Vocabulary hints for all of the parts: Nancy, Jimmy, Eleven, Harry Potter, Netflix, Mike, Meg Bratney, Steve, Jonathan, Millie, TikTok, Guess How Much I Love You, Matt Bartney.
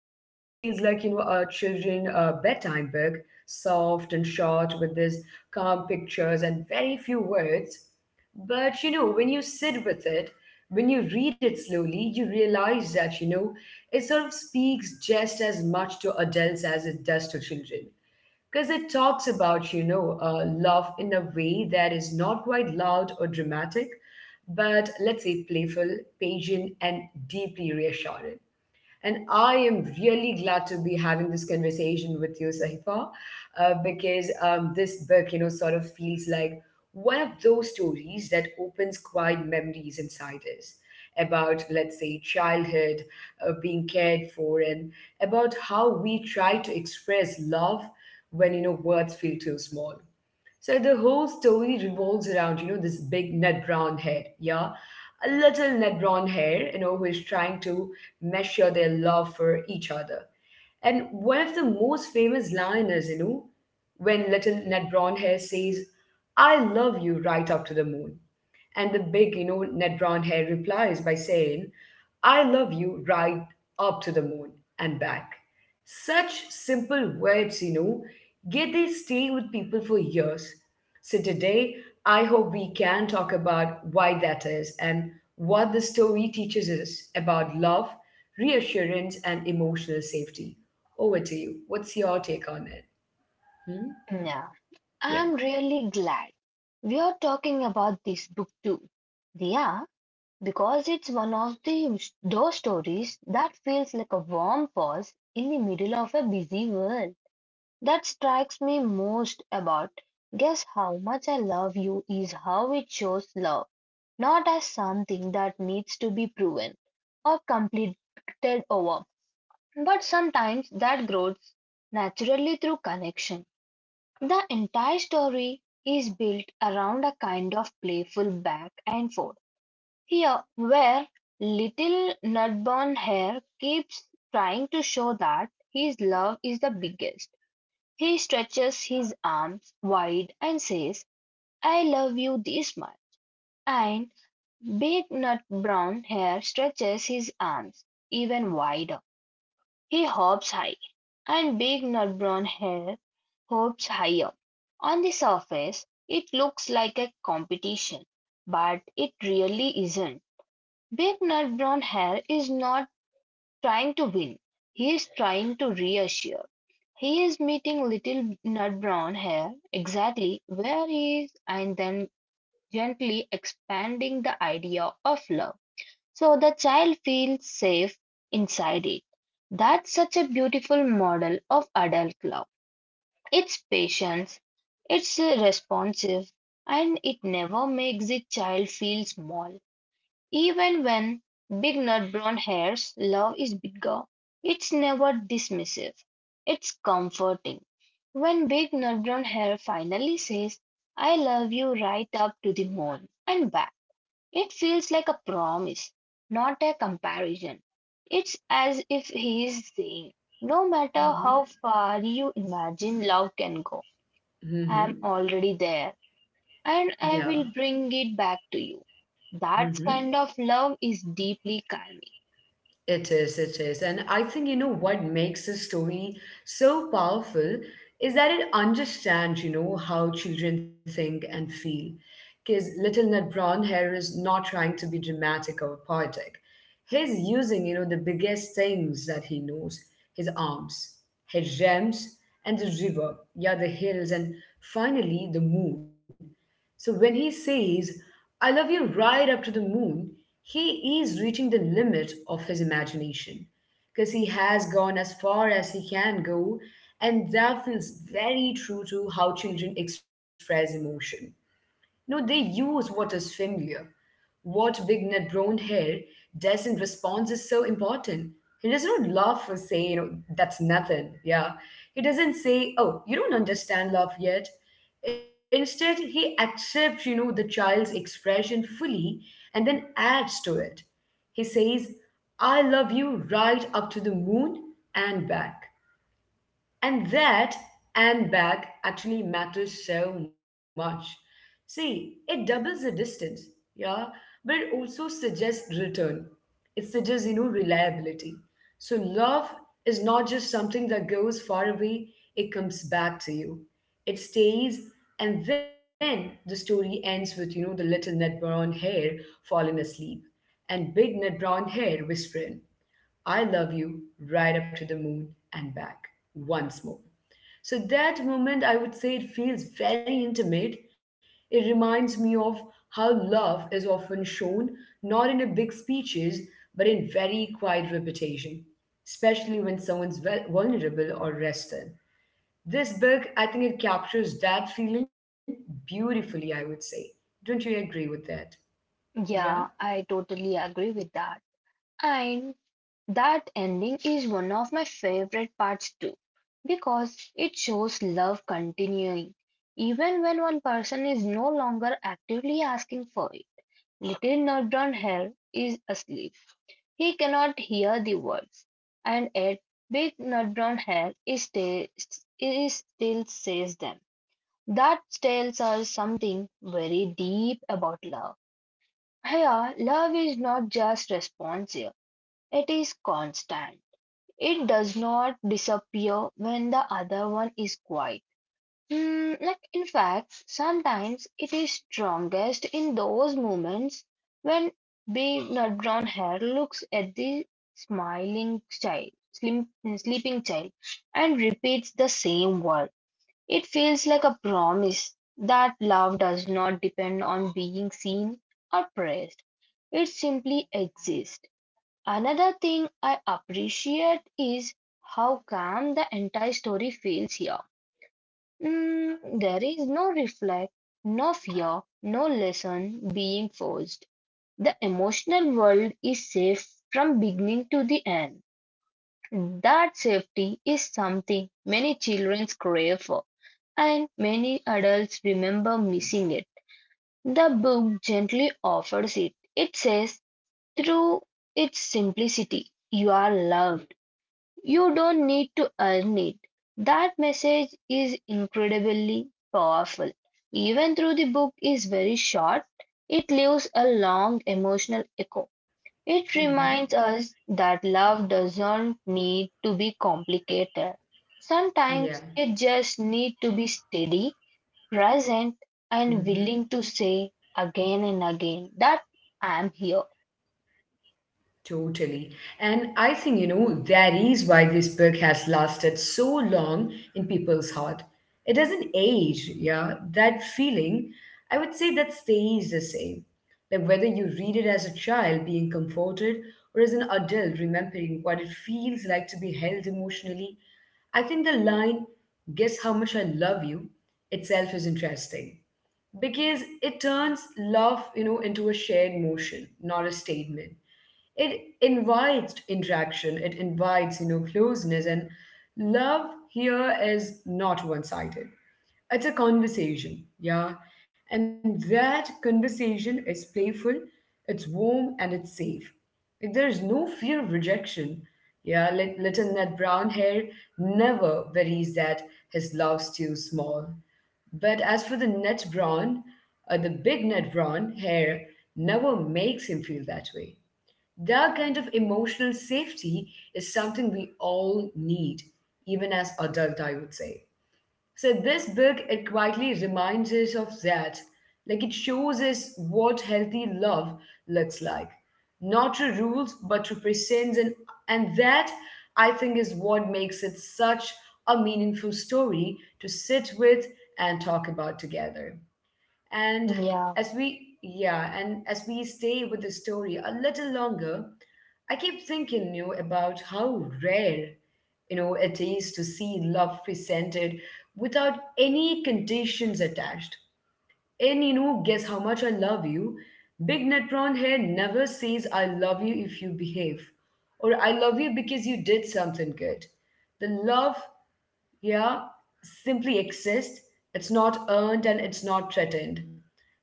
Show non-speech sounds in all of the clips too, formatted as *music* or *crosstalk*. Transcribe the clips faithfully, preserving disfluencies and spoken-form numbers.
it feels like, you know, a children uh, bedtime book, soft and short with these calm pictures and very few words. But, you know, when you sit with it, when you read it slowly, you realize that, you know, it sort of speaks just as much to adults as it does to children. Because it talks about, you know, uh, love in a way that is not quite loud or dramatic, but let's say playful, patient, and deeply reassuring. And I am really glad to be having this conversation with you, Sahifa, uh, because um, this book, you know, sort of feels like one of those stories that opens quiet memories inside us about, let's say, childhood, uh, being cared for, and about how we try to express love when, you know, words feel too small. So the whole story revolves around, you know, this big Ned Brown head, yeah? A little Ned Brown hair, you know, who is trying to measure their love for each other. And one of the most famous line is, you know, when little Ned Brown hair says, I love you right up to the moon. And the big, you know, Ned Brown hair replies by saying, I love you right up to the moon and back. Such simple words, you know, yet they stay with people for years. So today, I hope we can talk about why that is and what the story teaches us about love, reassurance, and emotional safety. Over to you. What's your take on it? Hmm? Yeah, Yeah. I'm really glad we are talking about this book too. Yeah, because it's one of the those stories that feels like a warm pause in the middle of a busy world. That strikes me most about Guess How Much I Love You is how it shows love, not as something that needs to be proven or completed over, but sometimes that grows naturally through connection. The entire story is built around a kind of playful back and forth here, where little Nutburn Hare keeps trying to show that his love is the biggest. He stretches his arms wide and says, I love you this much. And Big Nut Brown Hare stretches his arms even wider. He hops high, and big nut-brown hare hops higher. On the surface, it looks like a competition, but it really isn't. Big nut-brown hare is not trying to win. He is trying to reassure. He is meeting little nut-brown hare exactly where he is and then gently expanding the idea of love so the child feels safe inside it. That's such a beautiful model of adult love. It's patient, it's responsive, and it never makes the child feel small. Even when big nut brown hairs, love is bigger. It's never dismissive. It's comforting. When big nut brown hair finally says, I love you right up to the moon and back. It feels like a promise, not a comparison. It's as if he is saying, no matter Mm-hmm. how far you imagine love can go, I am Mm-hmm. already there and Yeah. I will bring it back to you. That Mm-hmm. kind of love is deeply calming. It is, it is. And I think, you know, what makes this story so powerful is that it understands, you know, how children think and feel. Because Little Ned Brown here is not trying to be dramatic or poetic. He's using, you know, the biggest things that he knows his arms, his gems, and the river, yeah, the hills, and finally the moon. So when he says, I love you right up to the moon, he is reaching the limit of his imagination because he has gone as far as he can go, and that feels very true to how children express emotion. No, they use what is familiar. What big net brown hair does in response is so important. He does not laugh or say, you know, that's nothing. Yeah. He doesn't say, oh, you don't understand love yet. Instead, he accepts, you know, the child's expression fully and then adds to it. He says, I love you right up to the moon and back. And that and back actually matters so much. See, it doubles the distance, yeah, but it also suggests return. It suggests, you know, reliability. So love is not just something that goes far away, it comes back to you. It stays, and then the story ends with, you know, the little net brown hair falling asleep and big net brown hair whispering, I love you, right up to the moon and back once more. So that moment, I would say it feels very intimate. It reminds me of how love is often shown, not in a big speeches, but in very quiet repetition, especially when someone's vul- vulnerable or rested. This book, I think it captures that feeling beautifully, I would say. Don't you agree with that? Yeah? Yeah, I totally agree with that. And that ending is one of my favorite parts too, because it shows love continuing, even when one person is no longer actively asking for it. Little Nardron Hare is asleep. He cannot hear the words, and yet Big Nardron Hare is still, is still says them. That tells us something very deep about love. Here, love is not just responsive, it is constant. It does not disappear when the other one is quiet. Mm, like in fact, sometimes it is strongest in those moments when big nut brown hair looks at the smiling child, slim, sleeping child, and repeats the same word. It feels like a promise that love does not depend on being seen or praised. It simply exists. Another thing I appreciate is how calm the entire story feels here. Mm, there is no reflect, no fear, no lesson being forced. The emotional world is safe from beginning to the end. That safety is something many children crave for, and many adults remember missing it. The book gently offers it. It says, through its simplicity, you are loved. You don't need to earn it. That message is incredibly powerful. Even though the book is very short, it leaves a long emotional echo. It reminds Mm-hmm. us that love doesn't need to be complicated. Yeah. Sometimes it just needs to be steady, present, Mm-hmm. and willing to say again and again that I'm here. Totally. And I think, you know, that is why this book has lasted so long in people's heart. It doesn't age, yeah. That feeling, I would say that stays the same. Like whether you read it as a child being comforted or as an adult remembering what it feels like to be held emotionally, I think the line, guess how much I love you, itself is interesting because it turns love, you know, into a shared motion, not a statement. It invites interaction. It invites, you know closeness. And love here is not one-sided, it's a conversation, yeah. And that conversation is playful, it's warm, and it's safe. Like, there is no fear of rejection, yeah. Lit- little Ned Brown hair never worries that his love's too small, but as for the Ned Brown, uh, the big Ned Brown hair never makes him feel that way. That kind of emotional safety is something we all need, even as adult, I would say. So this book, it quietly reminds us of that. Like it shows us what healthy love looks like. Not through rules, but through presence. And and that, I think, is what makes it such a meaningful story to sit with and talk about together. And Yeah. as we, yeah, and as we stay with the story a little longer, I keep thinking, you know, about how rare, you know, it is to see love presented without any conditions attached. And you know, guess how much I love you. Big Netron here never says I love you if you behave, or I love you because you did something good. The love, yeah, simply exist. It's not earned and it's not threatened.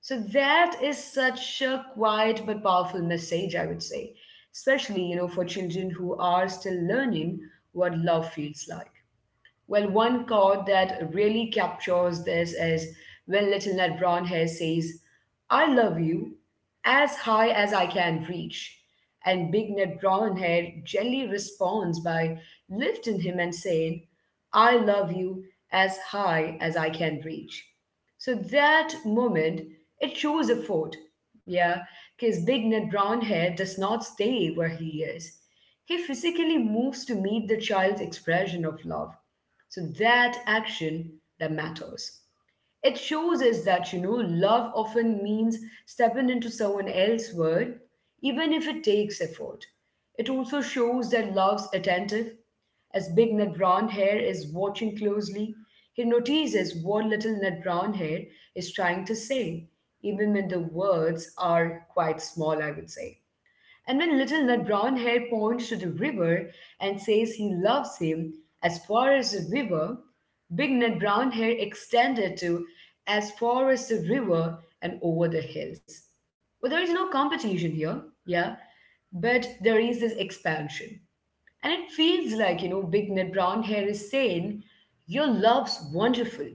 So that is such a quiet but powerful message, I would say, especially you know for children who are still learning what love feels like. Well, one quote that really captures this is when Little Ned Brownhair says, I love you as high as I can reach. And Big Ned Brownhair gently responds by lifting him and saying, I love you as high as I can reach. So that moment, it shows a effort. Yeah, because Big Ned Brownhair does not stay where he is. He physically moves to meet the child's expression of love. So that action that matters. It shows us that, you know, love often means stepping into someone else's world, even if it takes effort. It also shows that love's attentive, as Big Ned Brown Hair is watching closely. He notices what Little Ned Brown Hair is trying to say, even when the words are quite small, I would say. And when Little Nut Brown Hair points to the river and says he loves him as far as the river, Big Nut Brown Hair extended to as far as the river and over the hills. But there is no competition here, yeah, but there is this expansion. And it feels like, you know, Big Nut Brown Hair is saying, your love's wonderful,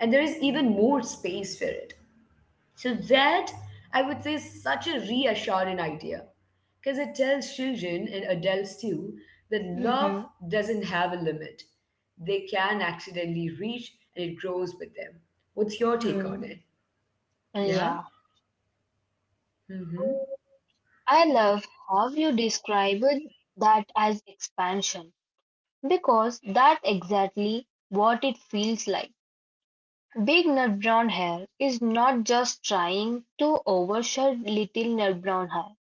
and there is even more space for it. So that I would say is such a reassuring idea because it tells children and adults too that love Hmm. doesn't have a limit. They can accidentally reach and it grows with them. What's your take on it? Yeah? Yeah. Mm-hmm. I love how you described that as expansion because that's exactly what it feels like. Big nut brown hair is not just trying to overshadow little nut brown hair.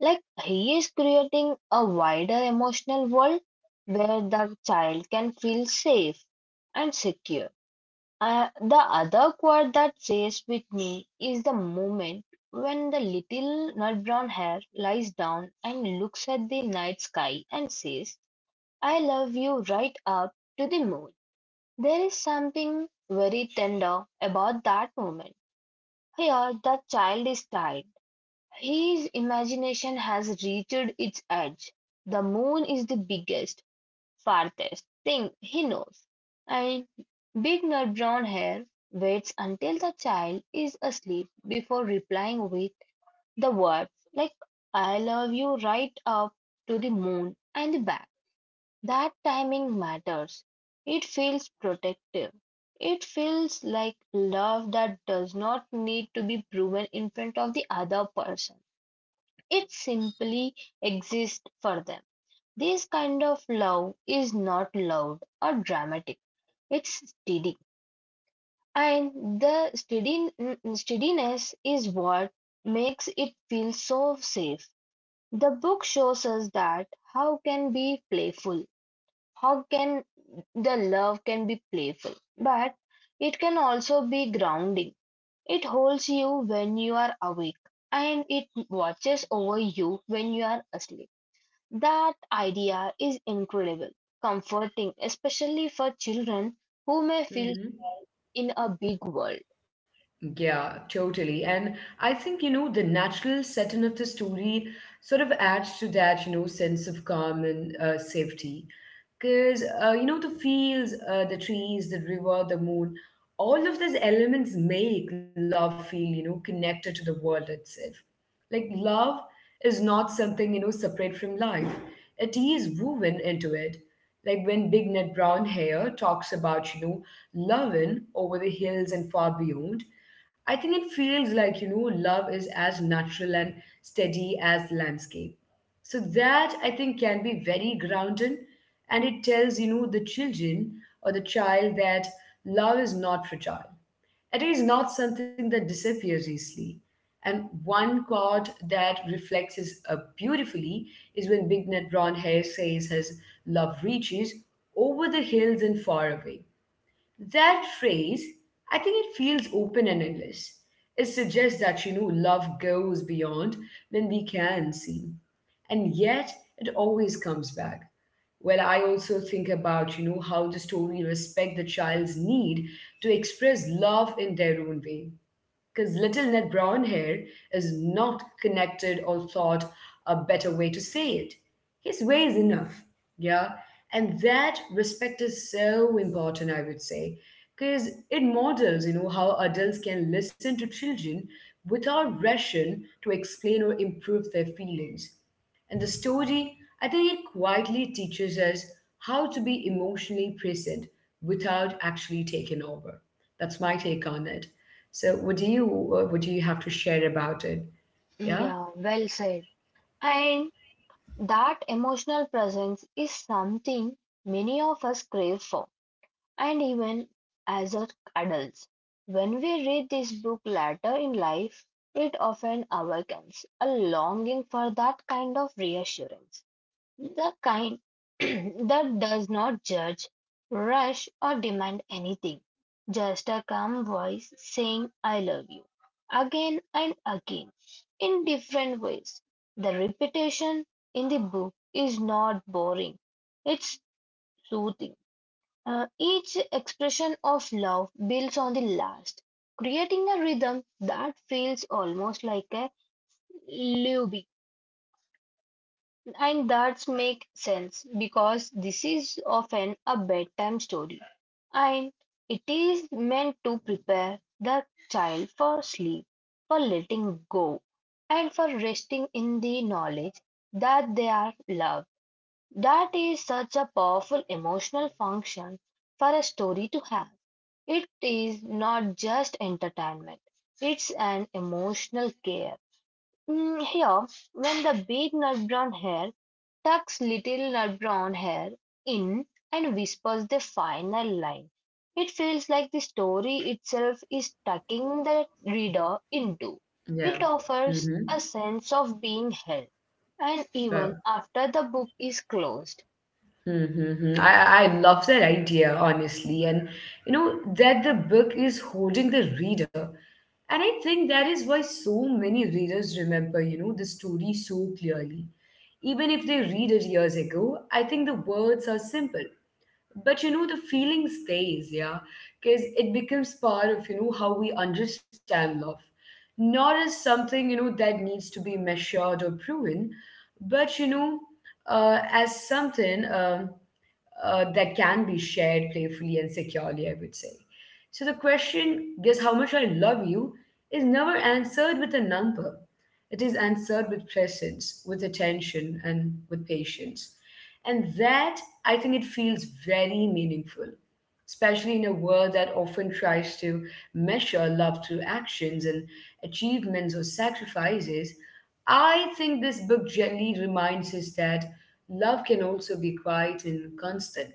Like he is creating a wider emotional world where the child can feel safe and secure. Uh, the other quote that stays with me is the moment when the little nut brown hare lies down and looks at the night sky and says, I love you right up to the moon. There is something very tender about that moment. Here, the child is tired. His imagination has reached its edge. The moon is the biggest farthest thing he knows, and big nut brown hair waits until the child is asleep before replying with the words like I love you right up to the moon and back. That timing matters. It feels protective. It feels like love that does not need to be proven in front of the other person. It simply exists for them. This kind of love is not loud or dramatic. It's steady. And the steady, mm, steadiness is what makes it feel so safe. The book shows us that how can be playful, how can the love can be playful, but it can also be grounding. It holds you when you are awake and it watches over you when you are asleep. That idea is incredible, comforting, especially for children who may feel Mm-hmm. in a big world. Yeah, totally. And I think, you know, the natural setting of the story sort of adds to that, you know, sense of calm and uh, safety. Because, uh, you know, the fields, uh, the trees, the river, the moon, all of those elements make love feel, you know, connected to the world itself. Like love is not something, you know, separate from life. It is woven into it. Like when Big Ned Brown Hair talks about, you know, loving over the hills and far beyond, I think it feels like, you know, love is as natural and steady as landscape. So that I think can be very grounding and it tells, you know, the children or the child that love is not fragile. It is not something that disappears easily. And one chord that reflects this uh, beautifully is when Big Nut Brown Hair says his love reaches over the hills and far away. That phrase, I think it feels open and endless. It suggests that, you know, love goes beyond when we can see. And yet, it always comes back. Well, I also think about, you know, how the story respect the child's need to express love in their own way because little Ned Brown hair is not connected or thought a better way to say it. His way is enough, yeah? And that respect is so important, I would say, because it models, you know, how adults can listen to children without rushing to explain or improve their feelings. And the story, I think it quietly teaches us how to be emotionally present without actually taking over. That's my take on it. So what do you uh, what do you have to share about it? Yeah. Yeah, well said. And that emotional presence is something many of us crave for, and even as a- adults. When we read this book later in life, it often awakens a longing for that kind of reassurance. The kind *clears throat* that does not judge, rush, or demand anything. Just a calm voice saying, I love you, again and again, in different ways. The repetition in the book is not boring, it's soothing. Uh, each expression of love builds on the last, creating a rhythm that feels almost like a lullaby. And that makes sense because this is often a bedtime story and it is meant to prepare the child for sleep, for letting go, and for resting in the knowledge that they are loved. That is such a powerful emotional function for a story to have. It is not just entertainment, it's an emotional care. Mm, here, when the big nut brown hare tucks little nut brown hare in and whispers the final line, it feels like the story itself is tucking the reader into. Yeah. It Mm-hmm. offers a sense of being held, and even Well, after the book is closed. Mm-hmm. I I love that idea honestly, and you know that the book is holding the reader, and I think that is why so many readers remember you know the story so clearly, even if they read it years ago. I think the words are simple, but you know the feeling stays, yeah, because it becomes part of you know how we understand love, not as something you know that needs to be measured or proven, but you know uh, as something um uh, that can be shared playfully and securely, I would say. So the question, guess how much I love you, is never answered with a number. It is answered with presence, with attention, and with patience. And that, I think, it feels very meaningful, especially in a world that often tries to measure love through actions and achievements or sacrifices. I think this book gently reminds us that love can also be quiet and constant.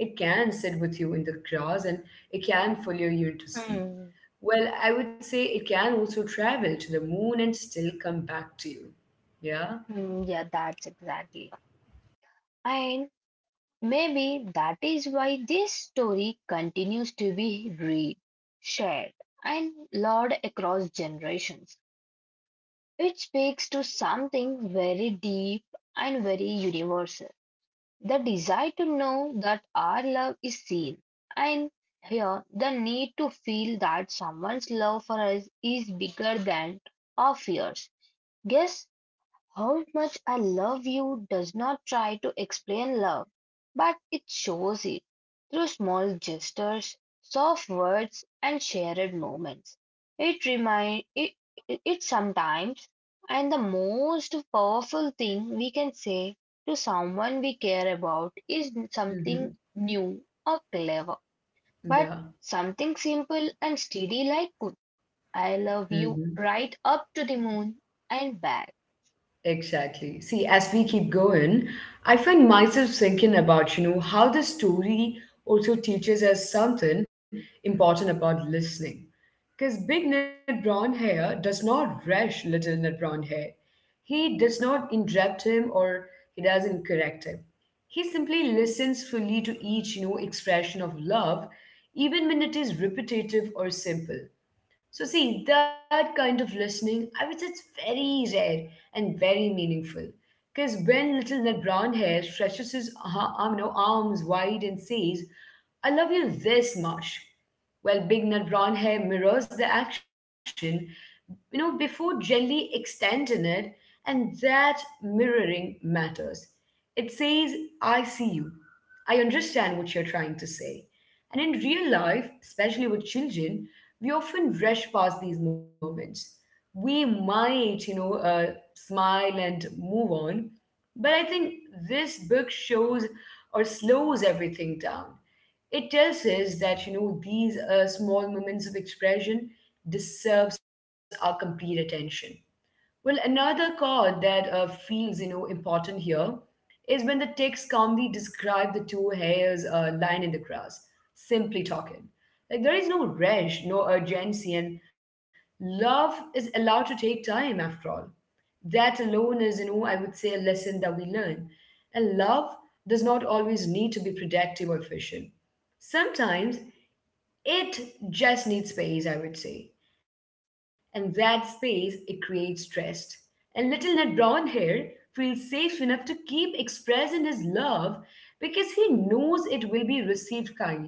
It can sit with you in the grass and it can follow you into sleep. Hmm. Well, I would say it can also travel to the moon and still come back to you. Yeah? Hmm, yeah, that's exactly. And maybe that is why this story continues to be read, shared, and loved across generations. It speaks to something very deep and very universal, the desire to know that our love is seen, and here the need to feel that someone's love for us is bigger than our fears. Yes, how much I love you does not try to explain love, but it shows it through small gestures, soft words, and shared moments. It remind it, it, it sometimes and the most powerful thing we can say to someone we care about is something Mm-hmm. new or clever, but Yeah. something simple and steady like I love Mm-hmm. you right up to the moon and back. Exactly. See, as we keep going, I find myself thinking about, you know, how the story also teaches us something important about listening. Because big Ned Brown Hair does not rush little Ned Brown Hair. He does not interrupt him or he doesn't correct him. He simply listens fully to each, you know, expression of love, even when it is repetitive or simple. So, see, that kind of listening, I would say it's very rare and very meaningful. Because when little Ned Brown Hair stretches his uh, um, no, arms wide and says, I love you this much, while Big Nut Brown Hair mirrors the action, you know, before gently extending it, and that mirroring matters. It says, I see you. I understand what you're trying to say. And in real life, especially with children, we often rush past these moments. We might, you know, uh, smile and move on. But I think this book shows or slows everything down. It tells us that, you know, these uh, small moments of expression deserves our complete attention. Well, another chord that uh, feels, you know, important here is when the text calmly describe the two hairs uh, lying in the grass, simply talking. Like there is no rush, no urgency, and love is allowed to take time after all. That alone is, you know, I would say a lesson that we learn. And love does not always need to be productive or efficient. Sometimes it just needs space, I would say. And that space, it creates trust. And little Ned Brown here feels safe enough to keep expressing his love because he knows it will be received kindly.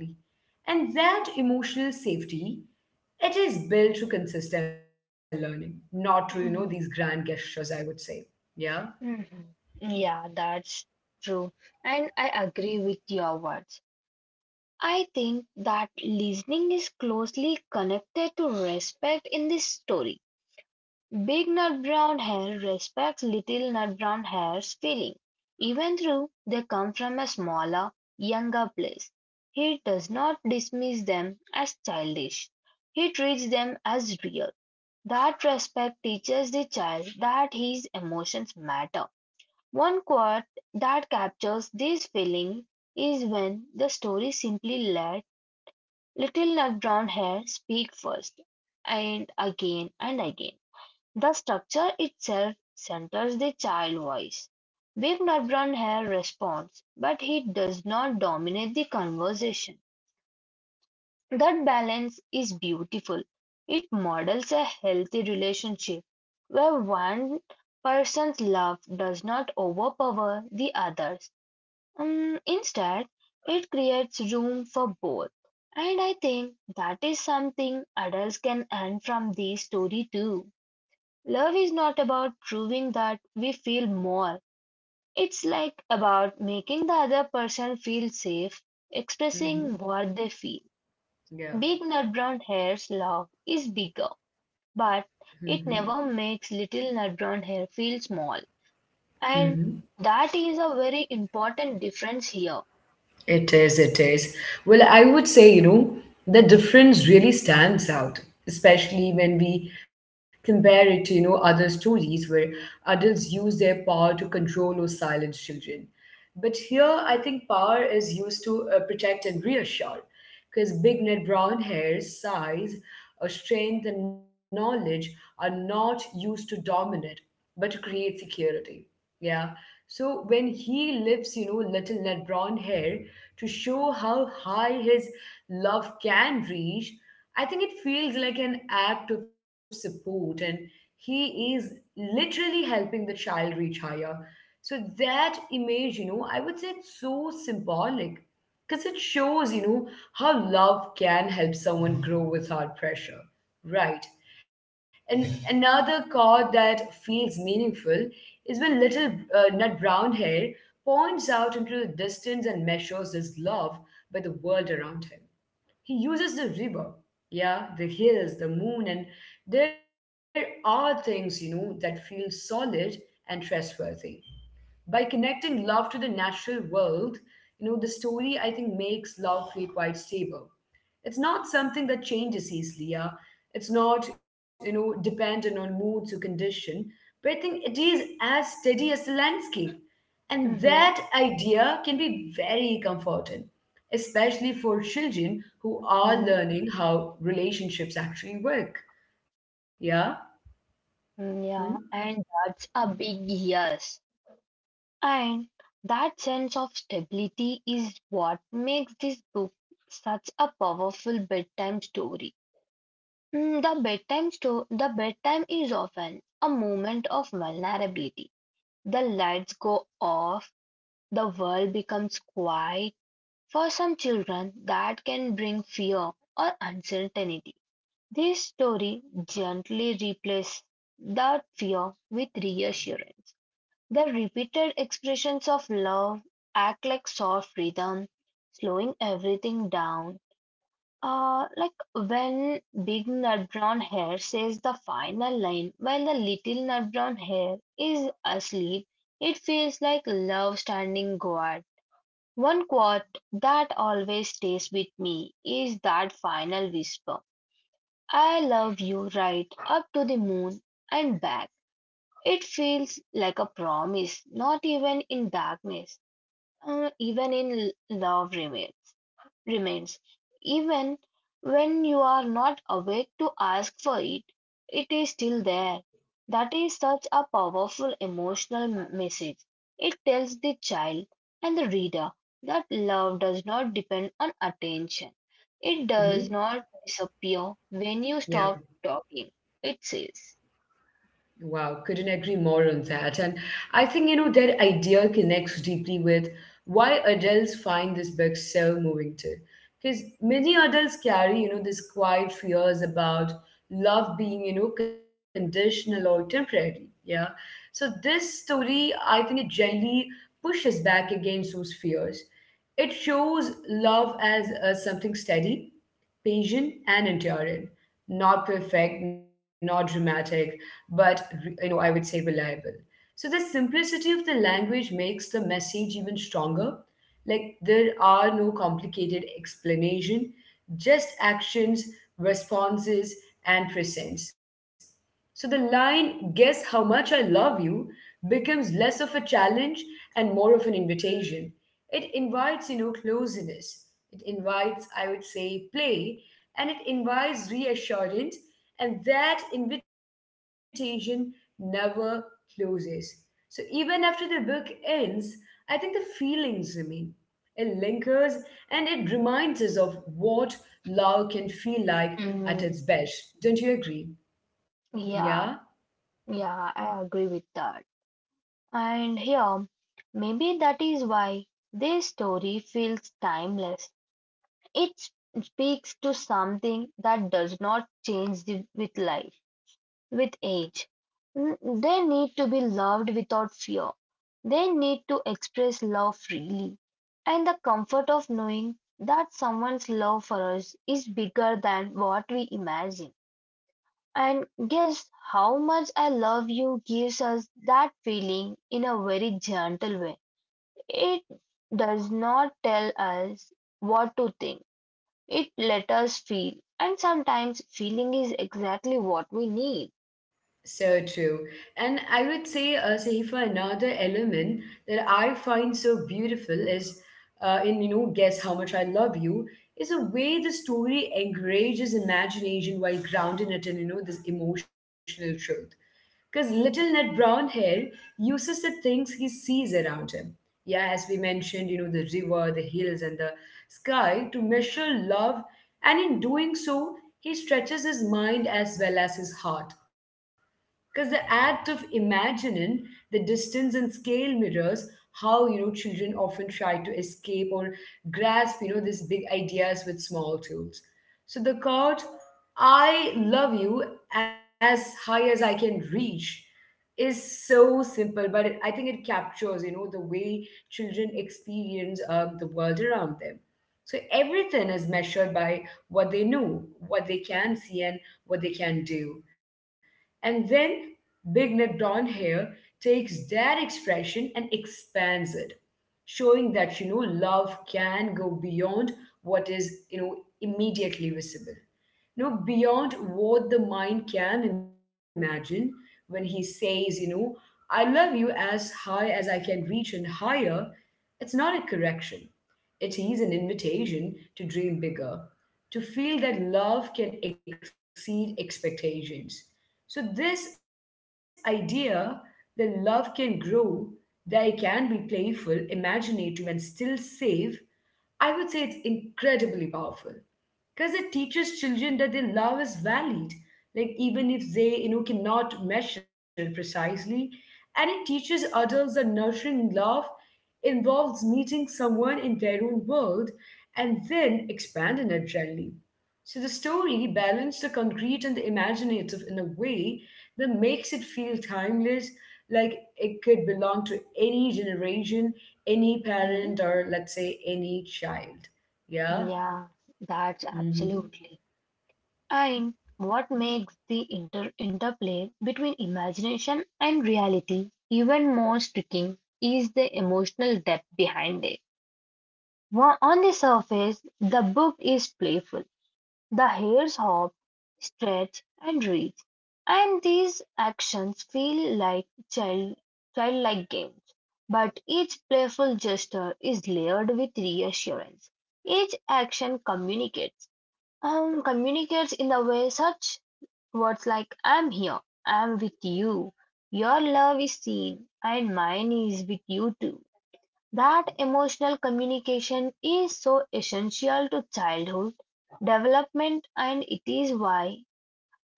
And that emotional safety, it is built through consistent learning, not through, you know, these grand gestures, I would say. Yeah. Mhm. Yeah, that's true. And I agree with your words. I think that listening is closely connected to respect in this story. Big Nut Brown Hare respects Little Nut Brown Hare's feeling, even though they come from a smaller, younger place. He does not dismiss them as childish. He treats them as real. That respect teaches the child that his emotions matter. One quote that captures this feeling is when the story simply let Little Nut Brown Hair speak first, and again and again. The structure itself centers the child voice. Big Nut Brown Hair responds, but he does not dominate the conversation. That balance is beautiful. It models a healthy relationship where one person's love does not overpower the others. Um, instead, it creates room for both. And I think that is something adults can learn from this story too. Love is not about proving that we feel more. It's like about making the other person feel safe, expressing Mm-hmm. what they feel. Yeah. Big nut brown hair's love is bigger, but Mm-hmm. it never makes little nut brown hair feel small. Mm-hmm. And that is a very important difference here. It is, it is. Well, I would say, you know, the difference really stands out, especially when we compare it to, you know, other stories where adults use their power to control or silence children. But here, I think power is used to uh, protect and reassure, because big net brown hair, size, uh, strength, and knowledge are not used to dominate, but to create security. Yeah. So when he lifts, you know, little net brown hair to show how high his love can reach, I think it feels like an act of support, and he is literally helping the child reach higher. So, that image, you know, I would say it's so symbolic because it shows, you know, how love can help someone grow without pressure, right? And another card that feels meaningful is when little uh, Nut Brown Hair points out into the distance and measures his love by the world around him. He uses the river, yeah, the hills, the moon, and there are things, you know, that feel solid and trustworthy. By connecting love to the natural world, you know, the story I think makes love feel quite stable. It's not something that changes easily. Yeah, it's not, you know dependent on moods or condition, but I think it is as steady as the landscape, and that Mhm. idea can be very comforting, especially for children who are Mhm. learning how relationships actually work. Yeah. Hmm? Mm, yeah, and that's a big yes. And that sense of stability is what makes this book such a powerful bedtime story. Mm, The bedtime sto- the bedtime is often a moment of vulnerability. The lights go off, the world becomes quiet. For some children, that can bring fear or uncertainty. This story gently replaces that fear with reassurance. The repeated expressions of love act like soft rhythm, slowing everything down. Uh, like when big nut brown hair says the final line while the little nut brown hair is asleep, it feels like love standing guard. One quote that always stays with me is that final whisper I love you right up to the moon and back. It feels like a promise, not even in darkness, uh, even in love remains, remains. Even when you are not awake to ask for it, it is still there. That is such a powerful emotional m- message. It tells the child and the reader that love does not depend on attention. It does Mm-hmm. not disappear when you Yeah. stop talking, it says. Wow, couldn't agree more on that. And I think, you know, that idea connects deeply with why adults find this book so moving too. Because many adults carry, you know, this quiet fears about love being, you know, conditional or temporary. Yeah. So this story, I think it gently pushes back against those fears. It shows love as uh, something steady, patient, and enduring. Not perfect, not dramatic, but re- you know, I would say reliable. So the simplicity of the language makes the message even stronger. Like there are no complicated explanation, just actions, responses, and presence. So the line, guess how much I love you, becomes less of a challenge and more of an invitation. It invites, you know, closeness. It invites, I would say, play, and it invites reassurance, and that invitation never closes. So even after the book ends, I think the feelings remain. It lingers and it reminds us of what love can feel like at its Mm, best. Don't you agree? Yeah? yeah. Yeah, I agree with that. And here, maybe that is why this story feels timeless. It s- speaks to something that does not change the- with life, with age. N- They need to be loved without fear. They need to express love freely. And the comfort of knowing that someone's love for us is bigger than what we imagine. And "Guess How Much I Love You" gives us that feeling in a very gentle way. It does not tell us what to think, it let us feel. And sometimes feeling is exactly what we need. So true. And I would say, uh, Sahifa, another element that I find so beautiful is, uh, in, you know, Guess How Much I Love You, is a way the story encourages imagination while grounding it in, you know, this emotional truth. Because little Ned Brown here uses the things he sees around him. Yeah, as we mentioned, you know, the river, the hills, and the sky to measure love. And in doing so, he stretches his mind as well as his heart, because the act of imagining the distance and scale mirrors how, you know children often try to escape or grasp, you know these big ideas with small tools. So the quote, "I love you as high as I can reach," is so simple, but it, I think it captures, you know the way children experience um, the world around them. So everything is measured by what they know, what they can see, and what they can do. And then Big Net Blonde Hair takes that expression and expands it, showing that, you know, love can go beyond what is, you know, immediately visible. You know, beyond what the mind can imagine, when he says, you know, I love you as high as I can reach and higher, it's not a correction. It is an invitation to dream bigger, to feel that love can exceed expectations. So, this idea that love can grow, that it can be playful, imaginative, and still safe, I would say it's incredibly powerful because it teaches children that their love is valid, like even if they, you know cannot measure precisely, and it teaches adults that nurturing love involves meeting someone in their own world and then expanding it gently. So the story balances the concrete and the imaginative in a way that makes it feel timeless, like it could belong to any generation, any Mhm. parent, or let's say any child. Yeah, Yeah. that's absolutely. Mhm. And what makes the inter interplay between imagination and reality even more striking is the emotional depth behind it. Wa- On the surface, the book is playful: the hairs hop, stretch, and reach, and these actions feel like child, childlike games. But each playful gesture is layered with reassurance. Each action communicates, um, communicates in the way such words like "I'm here," "I'm with you," "Your love is seen," and "Mine is with you too." That emotional communication is so essential to childhood development, and it is why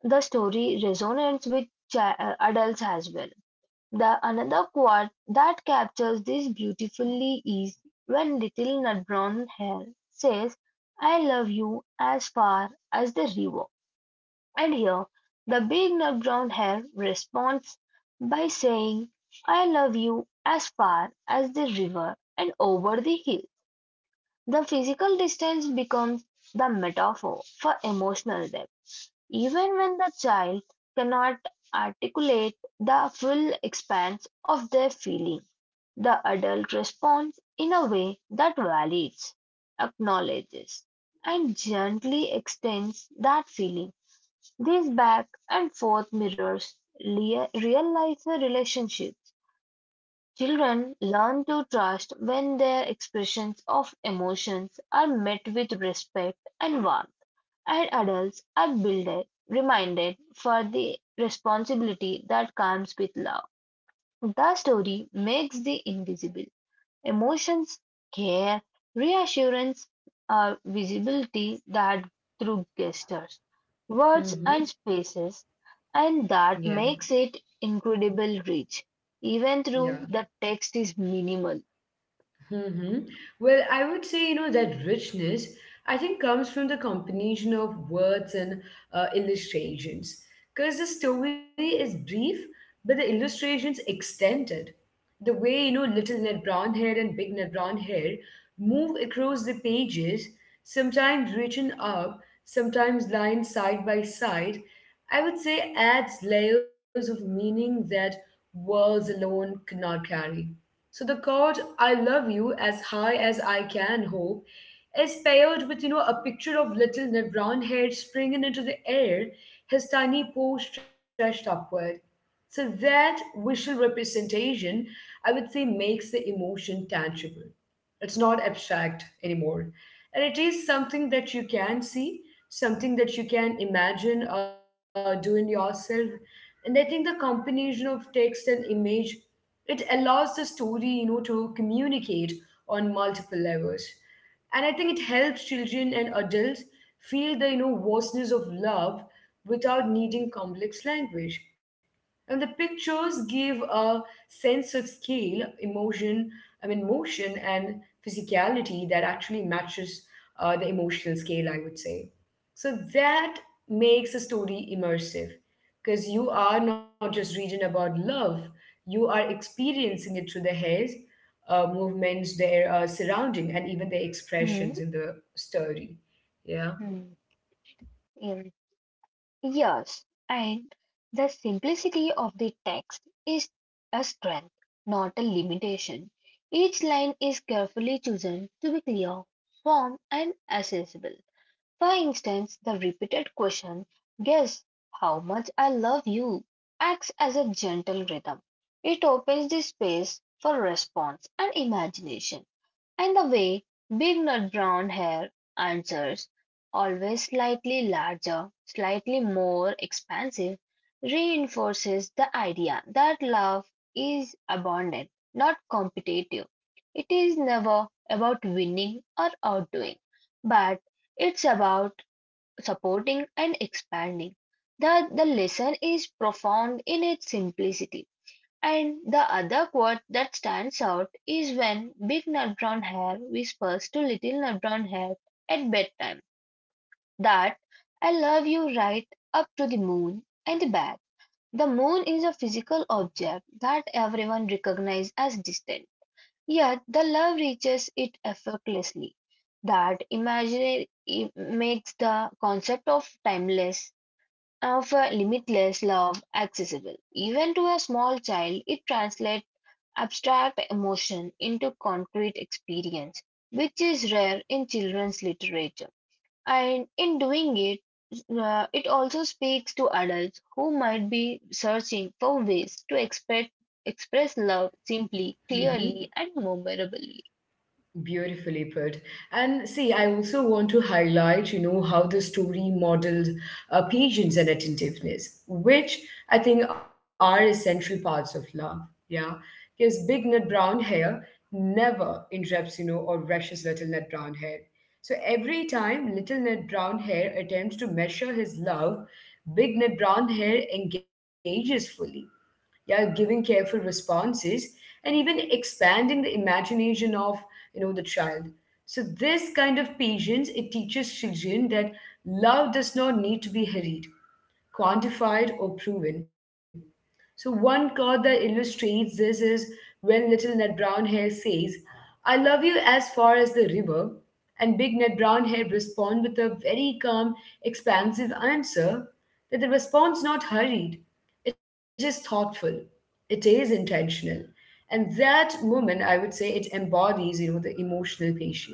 the story resonates with chi- uh, adults as well. The another quote that captures this beautifully is when little nut brown hair says, I love you as far as the river. And here, the big nut brown hair responds by saying, I love you as far as the river and over the hill. The physical distance becomes the metaphor for emotional depth, even when the child cannot articulate the full expanse of their feeling. The adult responds in a way that validates, acknowledges, and gently extends that feeling. This back and forth mirrors lea- real life relationships. Children learn to trust when their expressions of emotions are met with respect and warmth, and adults are builded, reminded for the responsibility that comes with love. The story makes the invisible emotions, care, reassurance are visibility that through gestures, words and Mm-hmm. spaces, and Yeah, that makes it incredible rich, even yeah. though the text is minimal. Hmm. Well, I would say, you know, that richness, I think, comes from the combination of words and uh, illustrations. Because the story is brief, but the illustrations extended. The way, you know, little Ned Brown hair and big Ned Brown hair move across the pages, sometimes reaching up, sometimes lying side by side, I would say adds layers of meaning that words alone cannot carry. So the chord I love you as high as I can hope is paired with, you know, a picture of little Ned brown head springing into the air, his tiny paw stretched upward. So that visual representation, I would say, makes the emotion tangible. It's not abstract anymore. And it is something that you can see, something that you can imagine uh, doing yourself. And I think the combination of text and image, it allows the story, you know, to communicate on multiple levels. And I think it helps children and adults feel the, you know, vastness of love without needing complex language. And the pictures give a sense of scale, emotion, I mean, motion, and physicality that actually matches uh, the emotional scale, I would say. So that makes a story immersive, because you are not just reading about love, you are experiencing it through the hair, uh, movements, their uh, surrounding, and even their Mm-hmm. expressions in the story. Yeah. In years, and the simplicity of the text is a strength, not a limitation. Each line is carefully chosen to be clear, firm, and accessible. For instance, the repeated question, Guess how much I love you, acts as a gentle rhythm. It opens the space for response and imagination. And the way big nut brown hair answers, always slightly larger, slightly more expansive, reinforces the idea that love is abundant, not competitive. It is never about winning or outdoing, but it's about supporting and expanding. The, the lesson is profound in its simplicity. And the other quote that stands out is when Big Nut Brown Hair whispers to Little Nut Brown Hair at bedtime that I love you right up to the moon and back. The moon is a physical object that everyone recognizes as distant, yet the love reaches it effortlessly. That imaginary makes the concept of timeless, of a limitless love accessible. Even to a small child, it translates abstract emotion into concrete experience, which is rare in children's literature. And in doing it, uh, it also speaks to adults who might be searching for ways to expect, express love simply, clearly, and memorably. Beautifully put. And see, I also want to highlight, you know, how the story modeled uh, patience and attentiveness, which I think are essential parts of love. Yeah. Because big nut brown hair never interrupts, you know, or rushes little nut brown hair. So every time little nut brown hair attempts to measure his love, big nut brown hair engages fully, yeah, giving careful responses and even expanding the imagination of, you know the child. So this kind of patience it teaches children that love does not need to be hurried, quantified, or proven. So one quote that illustrates this is when little Ned Brown Hair says, "I love you as far as the river," and big Ned Brown Hair respond with a very calm, expansive answer that the response not hurried, it is thoughtful. It is intentional. And that moment, I would say it embodies, you know, the emotional patience.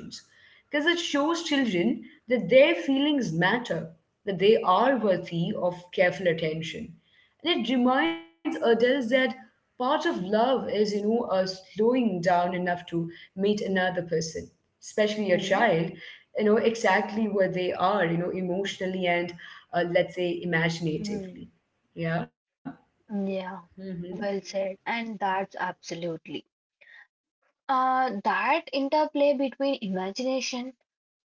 Because it shows children that their feelings matter, that they are worthy of careful attention. And it reminds adults that part of love is, you know, uh, slowing down enough to meet another person, especially a Mhm. child, you know, exactly where they are, you know, emotionally and, uh, let's say, Mhm. imaginatively. Yeah. Yeah, Mhm, well said. And that's absolutely. Uh, that interplay between imagination,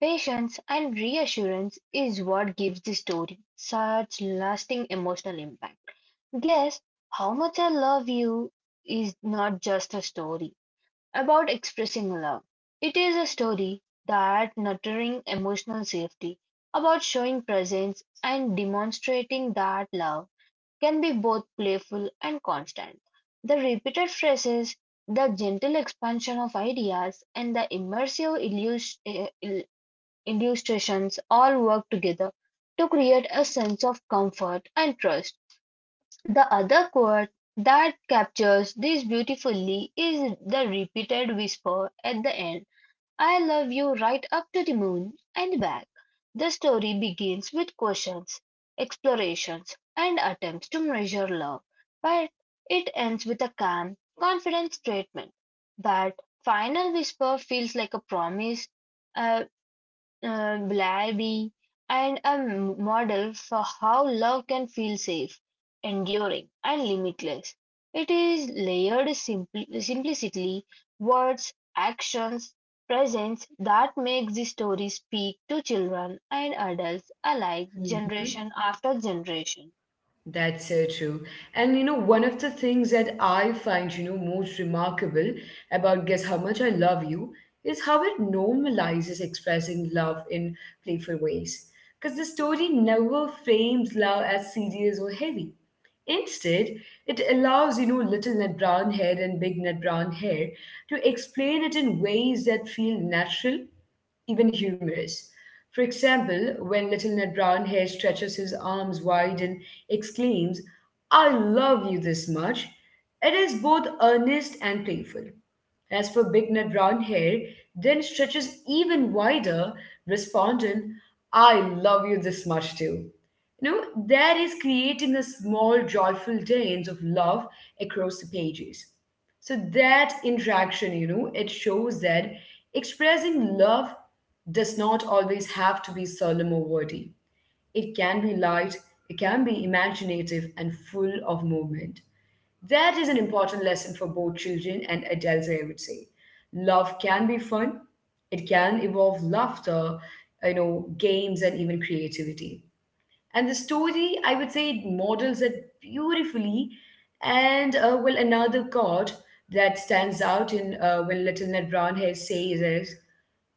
patience, and reassurance is what gives the story such lasting emotional impact. Guess how much I love you is not just a story about expressing love. It is a story that nurturing emotional safety, about showing presence and demonstrating that love can be both playful and constant. The repeated phrases, the gentle expansion of ideas, and the immersive illus- eh, ill- illustrations all work together to create a sense of comfort and trust. The other quote that captures this beautifully is the repeated whisper at the end I love you right up to the moon and back. The story begins with questions, explorations, and attempts to measure love, but it ends with a calm, confident statement. That final whisper feels like a promise uh, um, reliability, and a m- model for how love can feel safe, enduring, and limitless. It is layered simply, simplicity, words, actions, presence that makes the story speak to children and adults alike, mhm. generation after generation. That's so true. And you know, one of the things that I find, you know, most remarkable about Guess How Much I Love You is how it normalizes expressing love in playful ways. Because the story never frames love as serious or heavy. Instead, it allows, you know, little Ned Brown head and big Ned Brown hair to explain it in ways that feel natural even humorous. For example, when little Ned Brownhair stretches his arms wide and exclaims, I love you this much, it is both earnest and playful. As for Big Ned Brownhair, then stretches even wider, responding, I love you this much too. You know, that is creating a small joyful dance of love across the pages. So that interaction, you know, it shows that expressing love does not always have to be solemn or wordy. It can be light, it can be imaginative and full of movement. That is an important lesson for both children and adults, I would say. Love can be fun, it can involve laughter, you know, games and even creativity, and the story I would say it models it beautifully. And uh, well, another chord that stands out in uh, when little Ned Brown Hair says is,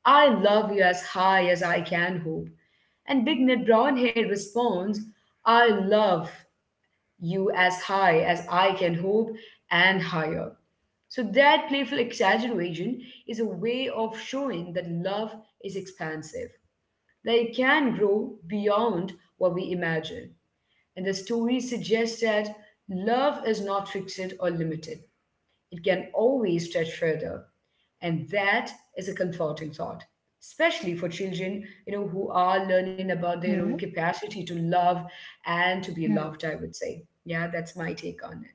I love you as high as I can hope, and big Ned Brown Hair responds, I love you as high as I can hope and higher. So that playful exaggeration is a way of showing that love is expansive, that it can grow beyond what we imagine, and the story suggests that love is not fixed or limited, it can always stretch further. And that is a comforting thought, especially for children, you know, who are learning about their own Hmm. capacity to love and to be Hmm. loved, I would say. Yeah, that's my take on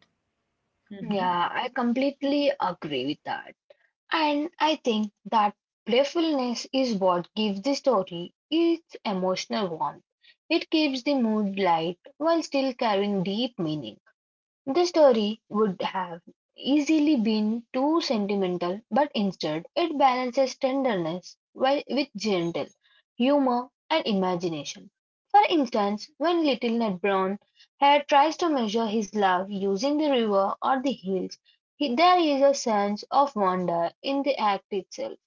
it. Yeah, I completely agree with that. And I think that playfulness is what gives the story its emotional warmth. It keeps the mood light while still carrying deep meaning. The story would have easily been too sentimental, but instead it balances tenderness while, with gentle humor and imagination. For instance, when little Ned Brown Hare tries to measure his love using the river or the hills, he, there is a sense of wonder in the act itself.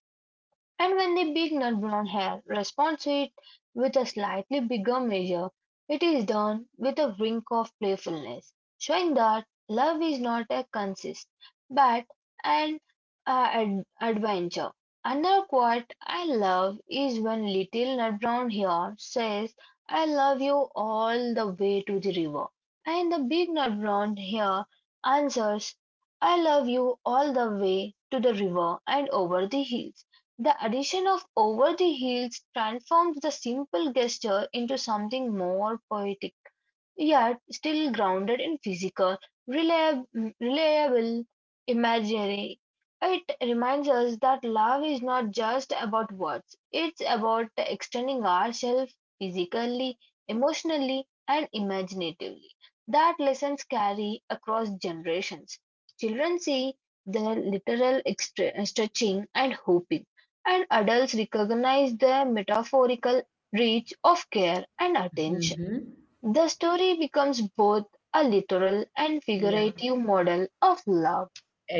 And when the big nut brown hare responds to it with a slightly bigger measure, it is done with a wink of playfulness, showing that love is not a consist, but an uh, ad- adventure. Another quote I love is when little nut brown hare says, I love you all the way to the river. And the big nut brown hare answers, I love you all the way to the river and over the hills. The addition of "over the heels" transforms the simple gesture into something more poetic yet still grounded in physical, reliab- reliable imagery. It reminds us that love is not just about words, it's about extending ourselves physically, emotionally, and imaginatively. That lessons carry across generations. Children see the literal extre- stretching and hooping, and adults recognize the metaphorical reach of care and Hmm, attention. hmm. The story becomes both a literal and Yeah. figurative model of love.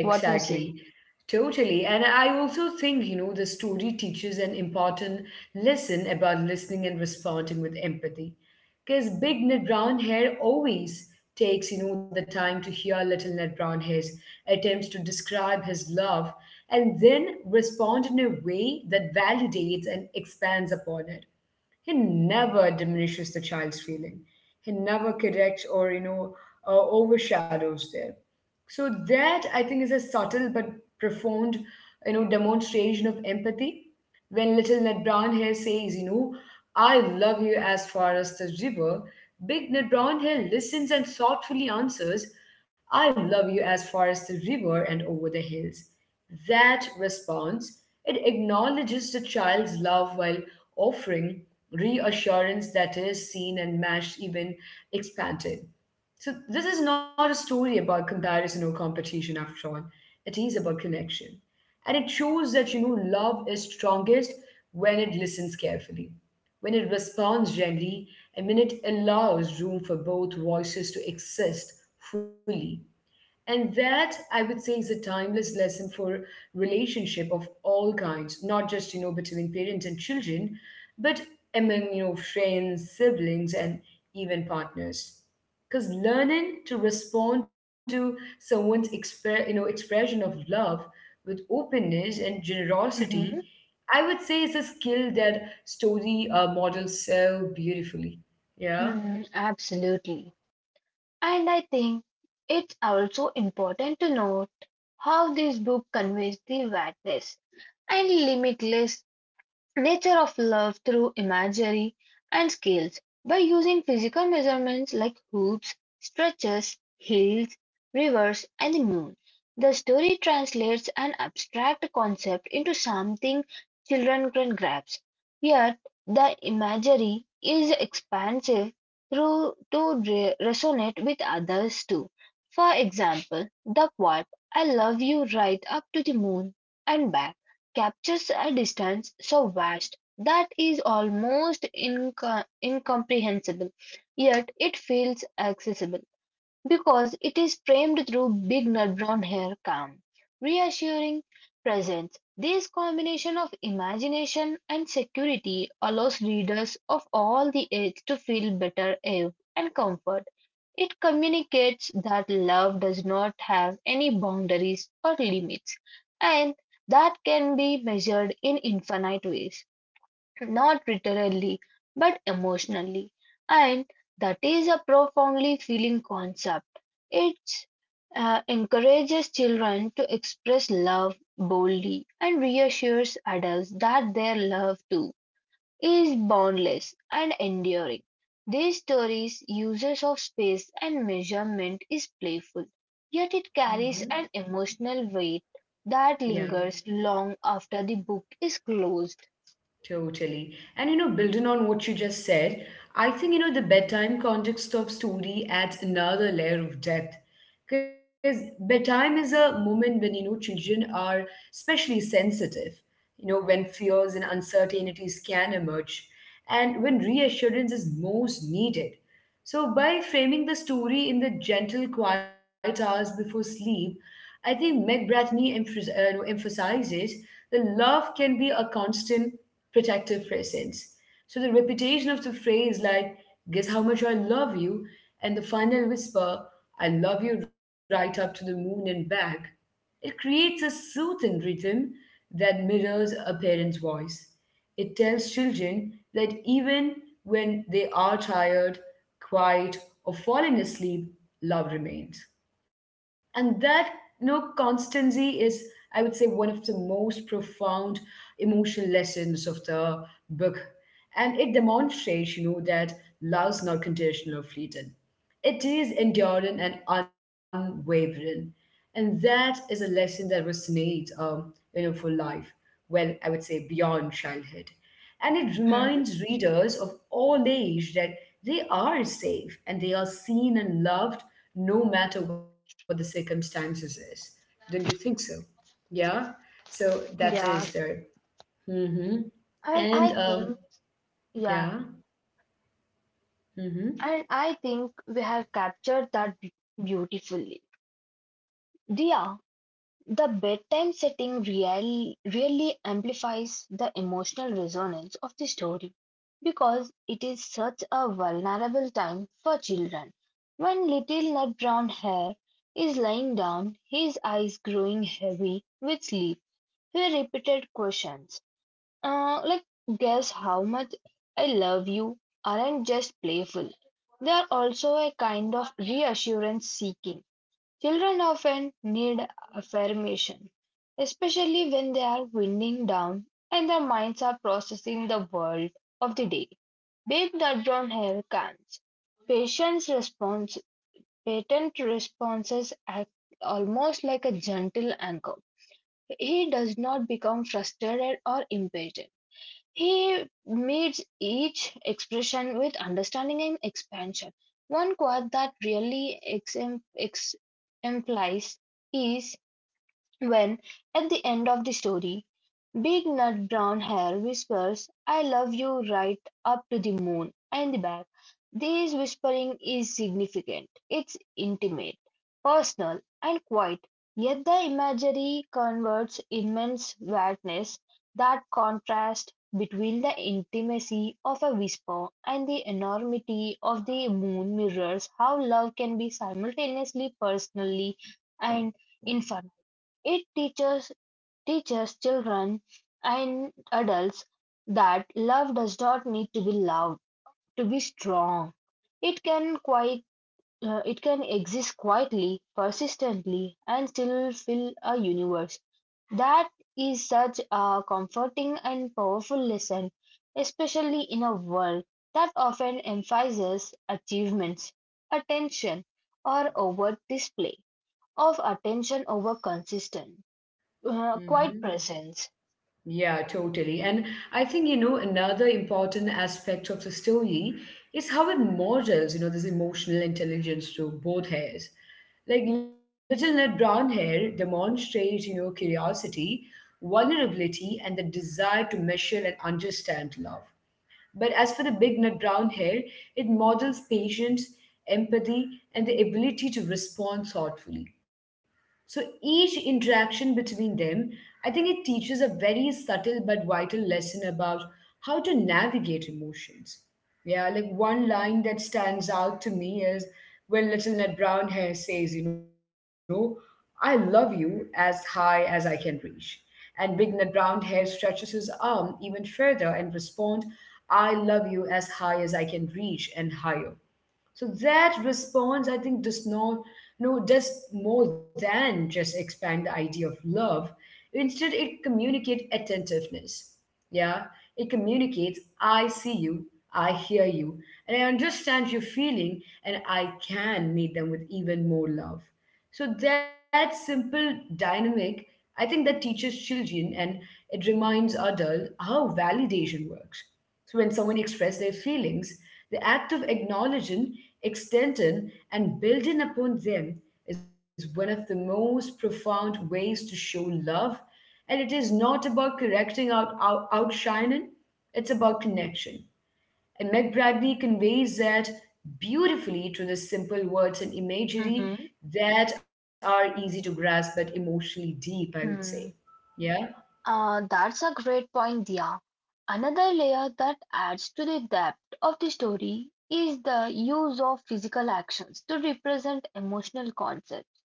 What you say? Totally. And I also think, you know, the story teaches an important lesson about listening and responding with empathy. Because big Ned Brown hair always takes, you know, the time to hear little Ned Brown hair's attempts to describe his love and then respond in a way that validates and expands upon it. He never diminishes the child's feeling. He never corrects or, you know, uh, overshadows them. So that I think is a subtle but profound, you know, demonstration of empathy. When little Ned Brownhill says, you know, I love you as far as the river, big Ned Brownhill listens and thoughtfully answers, I love you as far as the river and over the hills. That response, it acknowledges the child's love while offering reassurance that is seen and matched, even expanded. So, this is not a story about comparison or competition, after all. It is about connection. And it shows that, you know, love is strongest when it listens carefully, when it responds gently, and when it allows room for both voices to exist fully. And that, I would say, is a timeless lesson for relationship of all kinds, not just, you know, between parents and children, but among, you know, friends, siblings, and even partners. Because learning to respond to someone's expre- you know, expression of love with openness and generosity, Mhm. I would say is a skill that story uh, models so beautifully. Yeah. Hmm, absolutely. And I think it's also important to note how this book conveys the vastness and limitless nature of love through imagery and scales by using physical measurements like hoops, stretches, hills, rivers, and the moon. The story translates an abstract concept into something children can grasp. Yet the imagery is expansive through to re- resonate with others too. For example, the quote "I love you right up to the moon and back." captures a distance so vast that is almost inco- incomprehensible, yet it feels accessible because it is framed through big nut brown hair, calm, reassuring presence. This combination of imagination and security allows readers of all the age to feel better awe and comfort. It communicates that love does not have any boundaries or limits, and that can be measured in infinite ways, not literally but emotionally. And that is a profoundly feeling concept. It uh, encourages children to express love boldly and reassures adults that they love too is boundless and enduring. This story's uses of space and measurement is playful, yet it carries Hmm. an emotional weight that Yeah. lingers long after the book is closed. Totally. And you know, building on what you just said, I think you know the bedtime context of story adds another layer of depth. Because bedtime is a moment when you know children are especially sensitive, you know, when fears and uncertainties can emerge and when reassurance is most needed. So, by framing the story in the gentle, quiet hours before sleep, I think Meg Bratney emphas- uh, no, emphasizes that love can be a constant protective presence. So, the repetition of the phrase, like, guess how much I love you, and the final whisper, I love you right up to the moon and back, it creates a soothing rhythm that mirrors a parent's voice. It tells children that even when they are tired, quiet, or falling asleep, love remains. And that, you know, constancy is, I would say, one of the most profound emotional lessons of the book. And it demonstrates, you know, that love's not conditional or fleeting. It is enduring and unwavering. And that is a lesson that resonates, um, you know, for life. Well, I would say beyond childhood. And it Hmm. reminds readers of all age that they are safe and they are seen and loved no matter what the circumstances is. Don't you think so? Yeah. So that is Yeah, there. Mm-hmm. and And I um, think, yeah. yeah, Mm-hmm. and I think we have captured that be- beautifully. Dia, the bedtime setting real, really amplifies the emotional resonance of the story because it is such a vulnerable time for children. When little nut brown hair is lying down, his eyes growing heavy with sleep, he repeated questions uh, like, Guess how much I love you aren't just playful, they are also a kind of reassurance seeking. Children often need affirmation, especially when they are winding down and their minds are processing the world of the day. Big nut brown hair cans. Patient's response, Patent responses act almost like a gentle anchor. He does not become frustrated or impatient. He meets each expression with understanding and expansion. One quote that really exemplifies is when, at the end of the story, Big nut brown hair whispers "I love you" right up to the moon and the back. This whispering is significant. It's intimate, personal, and quiet. Yet the imagery converts immense vastness that contrast between the intimacy of a whisper and the enormity of the moon mirrors how love can be simultaneously personally and infinite. It teaches teaches children and adults that love does not need to be loud to be strong. It can quite uh, it can exist quietly, persistently, and still fill a universe. That is such a comforting and powerful lesson, especially in a world that often emphasizes achievements, attention, or overt display of attention over consistent uh, quiet Mm-hmm. presence. Yeah, totally. And I think, you know, another important aspect of the story is how it models, you know, this emotional intelligence to both hairs. Like Little Ned Brown Hair demonstrates, you know, curiosity, vulnerability, and the desire to measure and understand love. But as for the Big Ned Brown Hair, it models patience, empathy, and the ability to respond thoughtfully. So each interaction between them, I think it teaches a very subtle but vital lesson about how to navigate emotions. Yeah, like one line that stands out to me is when Little Ned Brown Hair says, you know, I love you as high as I can reach. And Big Ned Brown Hair stretches his arm even further and responds, I love you as high as I can reach and higher. So that response, I think, does not, you know, does more than just expand the idea of love. Instead, it communicates attentiveness. Yeah, it communicates, I see you, I hear you, and I understand your feeling, and I can meet them with even more love. So that simple dynamic, I think, that teaches children and it reminds adults how validation works. So when someone expresses their feelings, the act of acknowledging, extending, and building upon them is one of the most profound ways to show love. And it is not about correcting out, out outshining, it's about connection. And Meg Bradley conveys that beautifully through the simple words and imagery Mhm. that are easy to grasp but emotionally deep, I would say. Hmm. Yeah? Uh, that's a great point, Dia. Another layer that adds to the depth of the story is the use of physical actions to represent emotional concepts.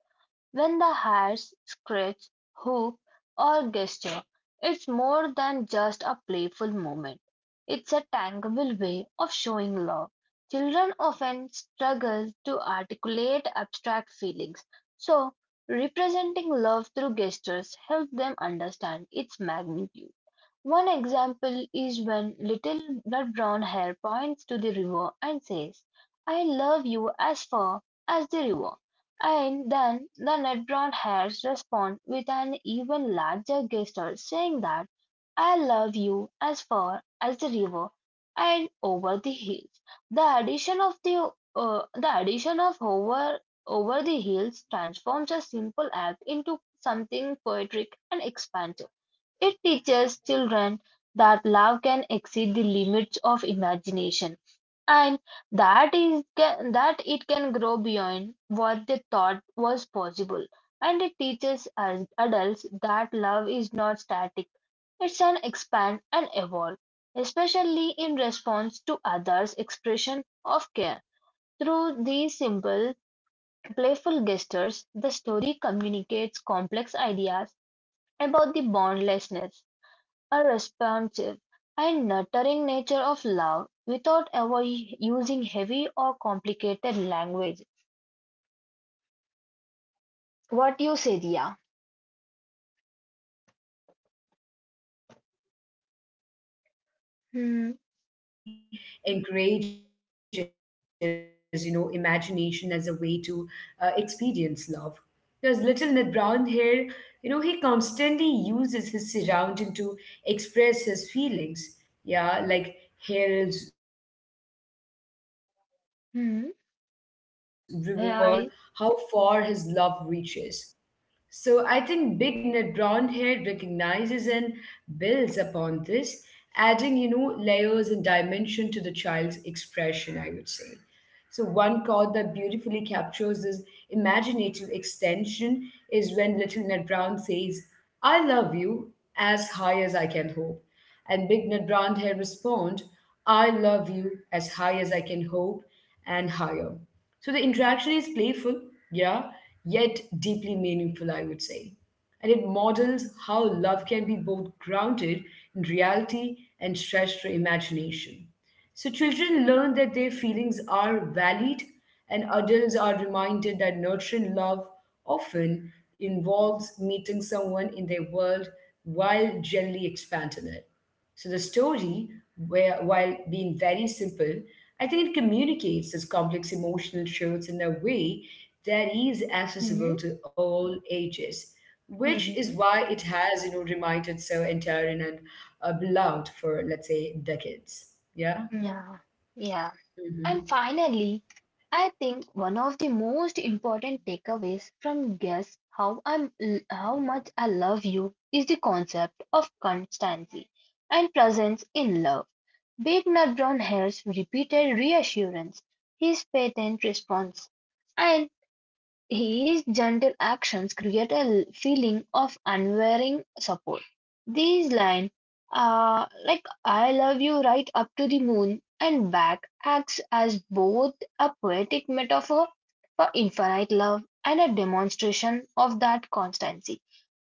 When the hares scratch, hoop, or gesture, it's more than just a playful moment. It's a tangible way of showing love. Children often struggle to articulate abstract feelings, so representing love through gestures helps them understand its magnitude. One example is when Little red-brown Hare points to the river and says, "I love you as far as the river," and then the red-brown hares respond with an even larger gesture saying that "I love you as far as the river and over the hills." The addition of the uh, the addition of over over the hills transforms a simple act into something poetic and expansive. It teaches children that love can exceed the limits of imagination and that is ca- that it can grow beyond what they thought was possible. And it teaches us adults that love is not static. It can expand and evolve, especially in response to others' expression of care. Through these simple, playful gestures, the story communicates complex ideas about the boundlessness, a responsive and nurturing nature of love without ever using heavy or complicated language. What you say, Mm-hmm, Dia? mm-hmm. That's so true. Absolutely uh, right, Sahifa. Yeah, I mean, I think I also want to Hmm. emphasize, you know, how much the story encourages, you know, imagination as a way to uh, experience love. Because little Ned Brown here, you know, he constantly uses his surrounding to express his feelings. Yeah, like hills, rivers, the moon, and everything. I Hmm. think it becomes a metaphor for Yes. how far his love reaches. So I think Big Nut Brown Hair recognizes and builds upon this, adding, you know, layers and dimension to the child's expression, I would say. So one chord that beautifully captures this imaginative extension is when Little Ned Brown says, I love you as high as I can hope. And Big Ned Brown Hair respond, I love you as high as I can hope and higher. So the interaction is playful, yeah, yet deeply meaningful, I would say. And it models how love can be both grounded in reality and stretched to imagination. So children learn that their feelings are valid, and adults are reminded that nurturing love often involves meeting someone in their world while gently expanding it. So the story, where, while being very simple, I think it communicates these complex emotional truths in a way that is accessible Hmm. to all ages, which is Hmm. why it has, you know, remained so enduring and uh, beloved for, let's say, decades. Yeah. Yeah. Yeah. Mm-hmm. And finally, I think one of the most important takeaways from Guess How I'm How Much I Love You is the concept of constancy and presence in love. Big Nut Brown Hare's repeated reassurance, his patient response, and his gentle actions create a feeling of unwavering support. These lines are like I love you right up to the moon and back acts as both a poetic metaphor for infinite love and a demonstration of that constancy.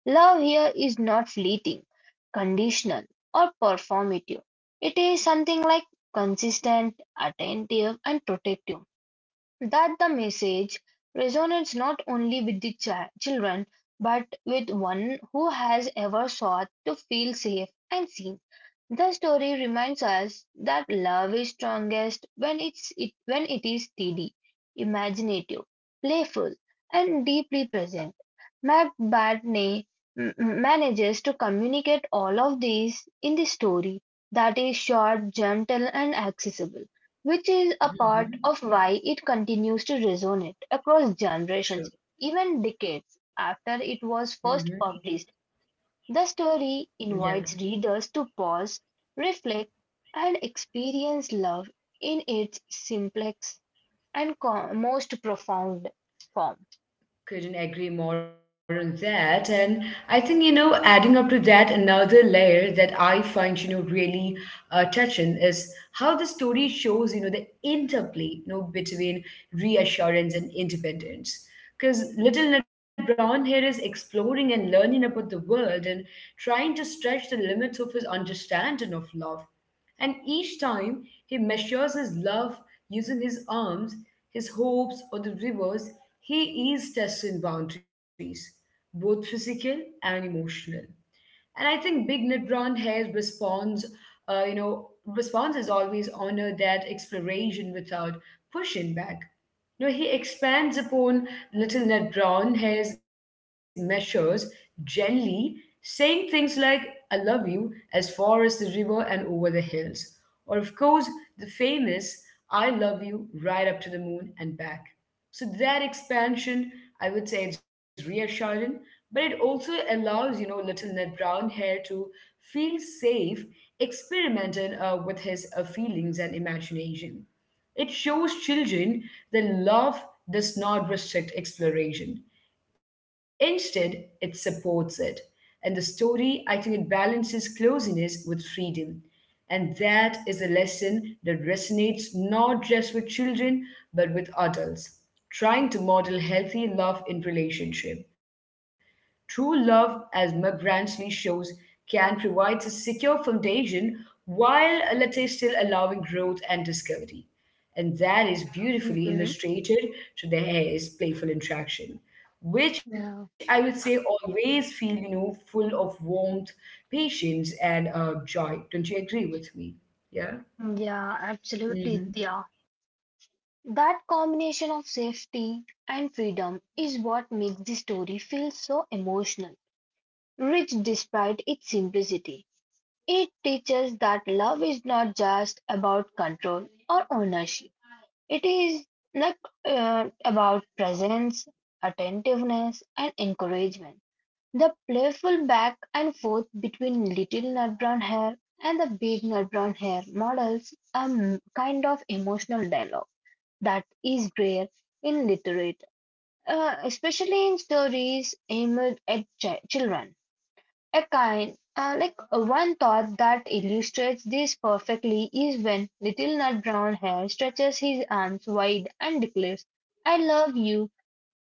Love here is not fleeting, conditional, or performative. It is something like consistent, attentive, and protective. That the message resonates not only with the chi- children but with one who has ever sought to feel safe and seen. The story reminds us that love is strongest when it's it when it is steady, imaginative, playful, and deeply present. Matt Bartney m- m- manages to communicate all of these in the story that is short, gentle, and accessible, which is a part of Mm-hmm. why it continues to resonate across generations, True. even decades after it was Mm-hmm. first published. The story Yeah. invites readers to pause, reflect, and experience love in its simplest and co- most profound form. Couldn't agree more on that. And I think, you know, adding up to that, another layer that I find, you know, really uh, touching is how the story shows, you know, the interplay, you know, between reassurance and independence. Because little Ned Brown here is exploring and learning about the world and trying to stretch the limits of his understanding of love. And each time he measures his love using his arms, his hopes, or the rivers, he is testing boundaries, both physical and emotional. And I think Big Nut Brown Hair's response, uh, you know, response is always honor that exploration without pushing back. You know, he expands upon Little Ned Brown Hair's measures gently, saying things like, I love you as far as the river and over the hills. Or, of course, the famous, I love you right up to the moon and back. So that expansion, I would say it's reassuring, but it also allows, you know, little Ned Brown Hair to feel safe experimenting uh, with his uh, feelings and imagination. It shows children that love does not restrict exploration. Instead, it supports it. And the story, I think it balances closeness with freedom. And that is a lesson that resonates not just with children, but with adults, trying to model healthy love in relationship. True love, as McGransley shows, can provide a secure foundation while let us still allowing growth and discovery. And that is beautifully Mhm. illustrated to the hare's playful interaction, which I would Yeah. say always feel, you know, full of warmth, patience, and uh, joy. Don't you agree with me? Yeah. Yeah, absolutely. Mm-hmm. Yeah. That combination of safety and freedom is what makes the story feel so emotional, rich despite its simplicity. It teaches that love is not just about control or ownership. It is like uh, about presence, attentiveness, and encouragement. The playful back and forth between little nut brown hair and the big nut brown hair models a m- kind of emotional dialogue that is rare in literature, uh, especially in stories aimed at chi- children. A kind, uh, like uh, one thought that illustrates this perfectly is when Little Nut Brown Hair stretches his arms wide and declares, "I love you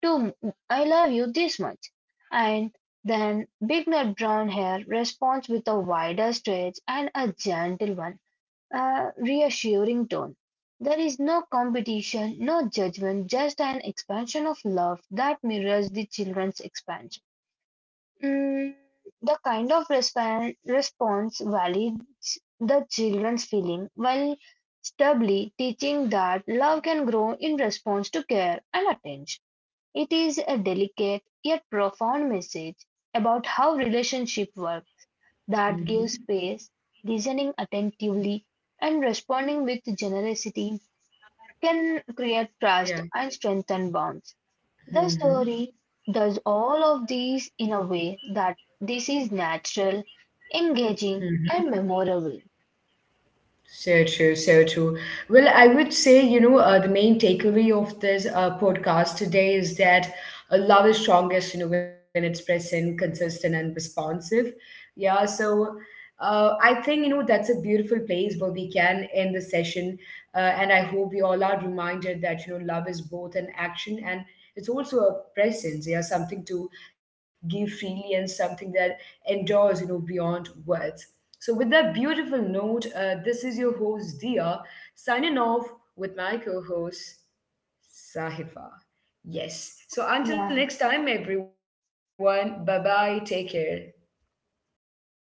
too. m- I love you this much." And then Big Nut Brown Hair responds with a wider stretch and a gentle one, a reassuring tone. There is no competition, no judgment, just an expansion of love that mirrors the children's expansion. Mm, the kind of resp- response validates the children's feeling while stably teaching that love can grow in response to care and attention. It is a delicate yet profound message about how relationship work that gives Mm-hmm. space, listening attentively, and responding with generosity can create trust Yeah. and strengthen bonds. The Mm-hmm. story does all of these in a way that this is natural, engaging, Mm-hmm. and memorable. So true, so true. Well, I would say, you know, uh, the main takeaway of this uh, podcast today is that uh, love is strongest, you know, when it's present, consistent, and responsive. Yeah, so uh, I think, you know, that's a beautiful place where we can end the session. Uh, and I hope we all are reminded that, you know, love is both an action and it's also a presence, yeah, something to give freely and something that endures, you know, beyond words. So, with that beautiful note, uh, this is your host Dia signing off with my co host Sahifa. Yes. So, until Yeah, next time, everyone, bye bye. Take care. take care.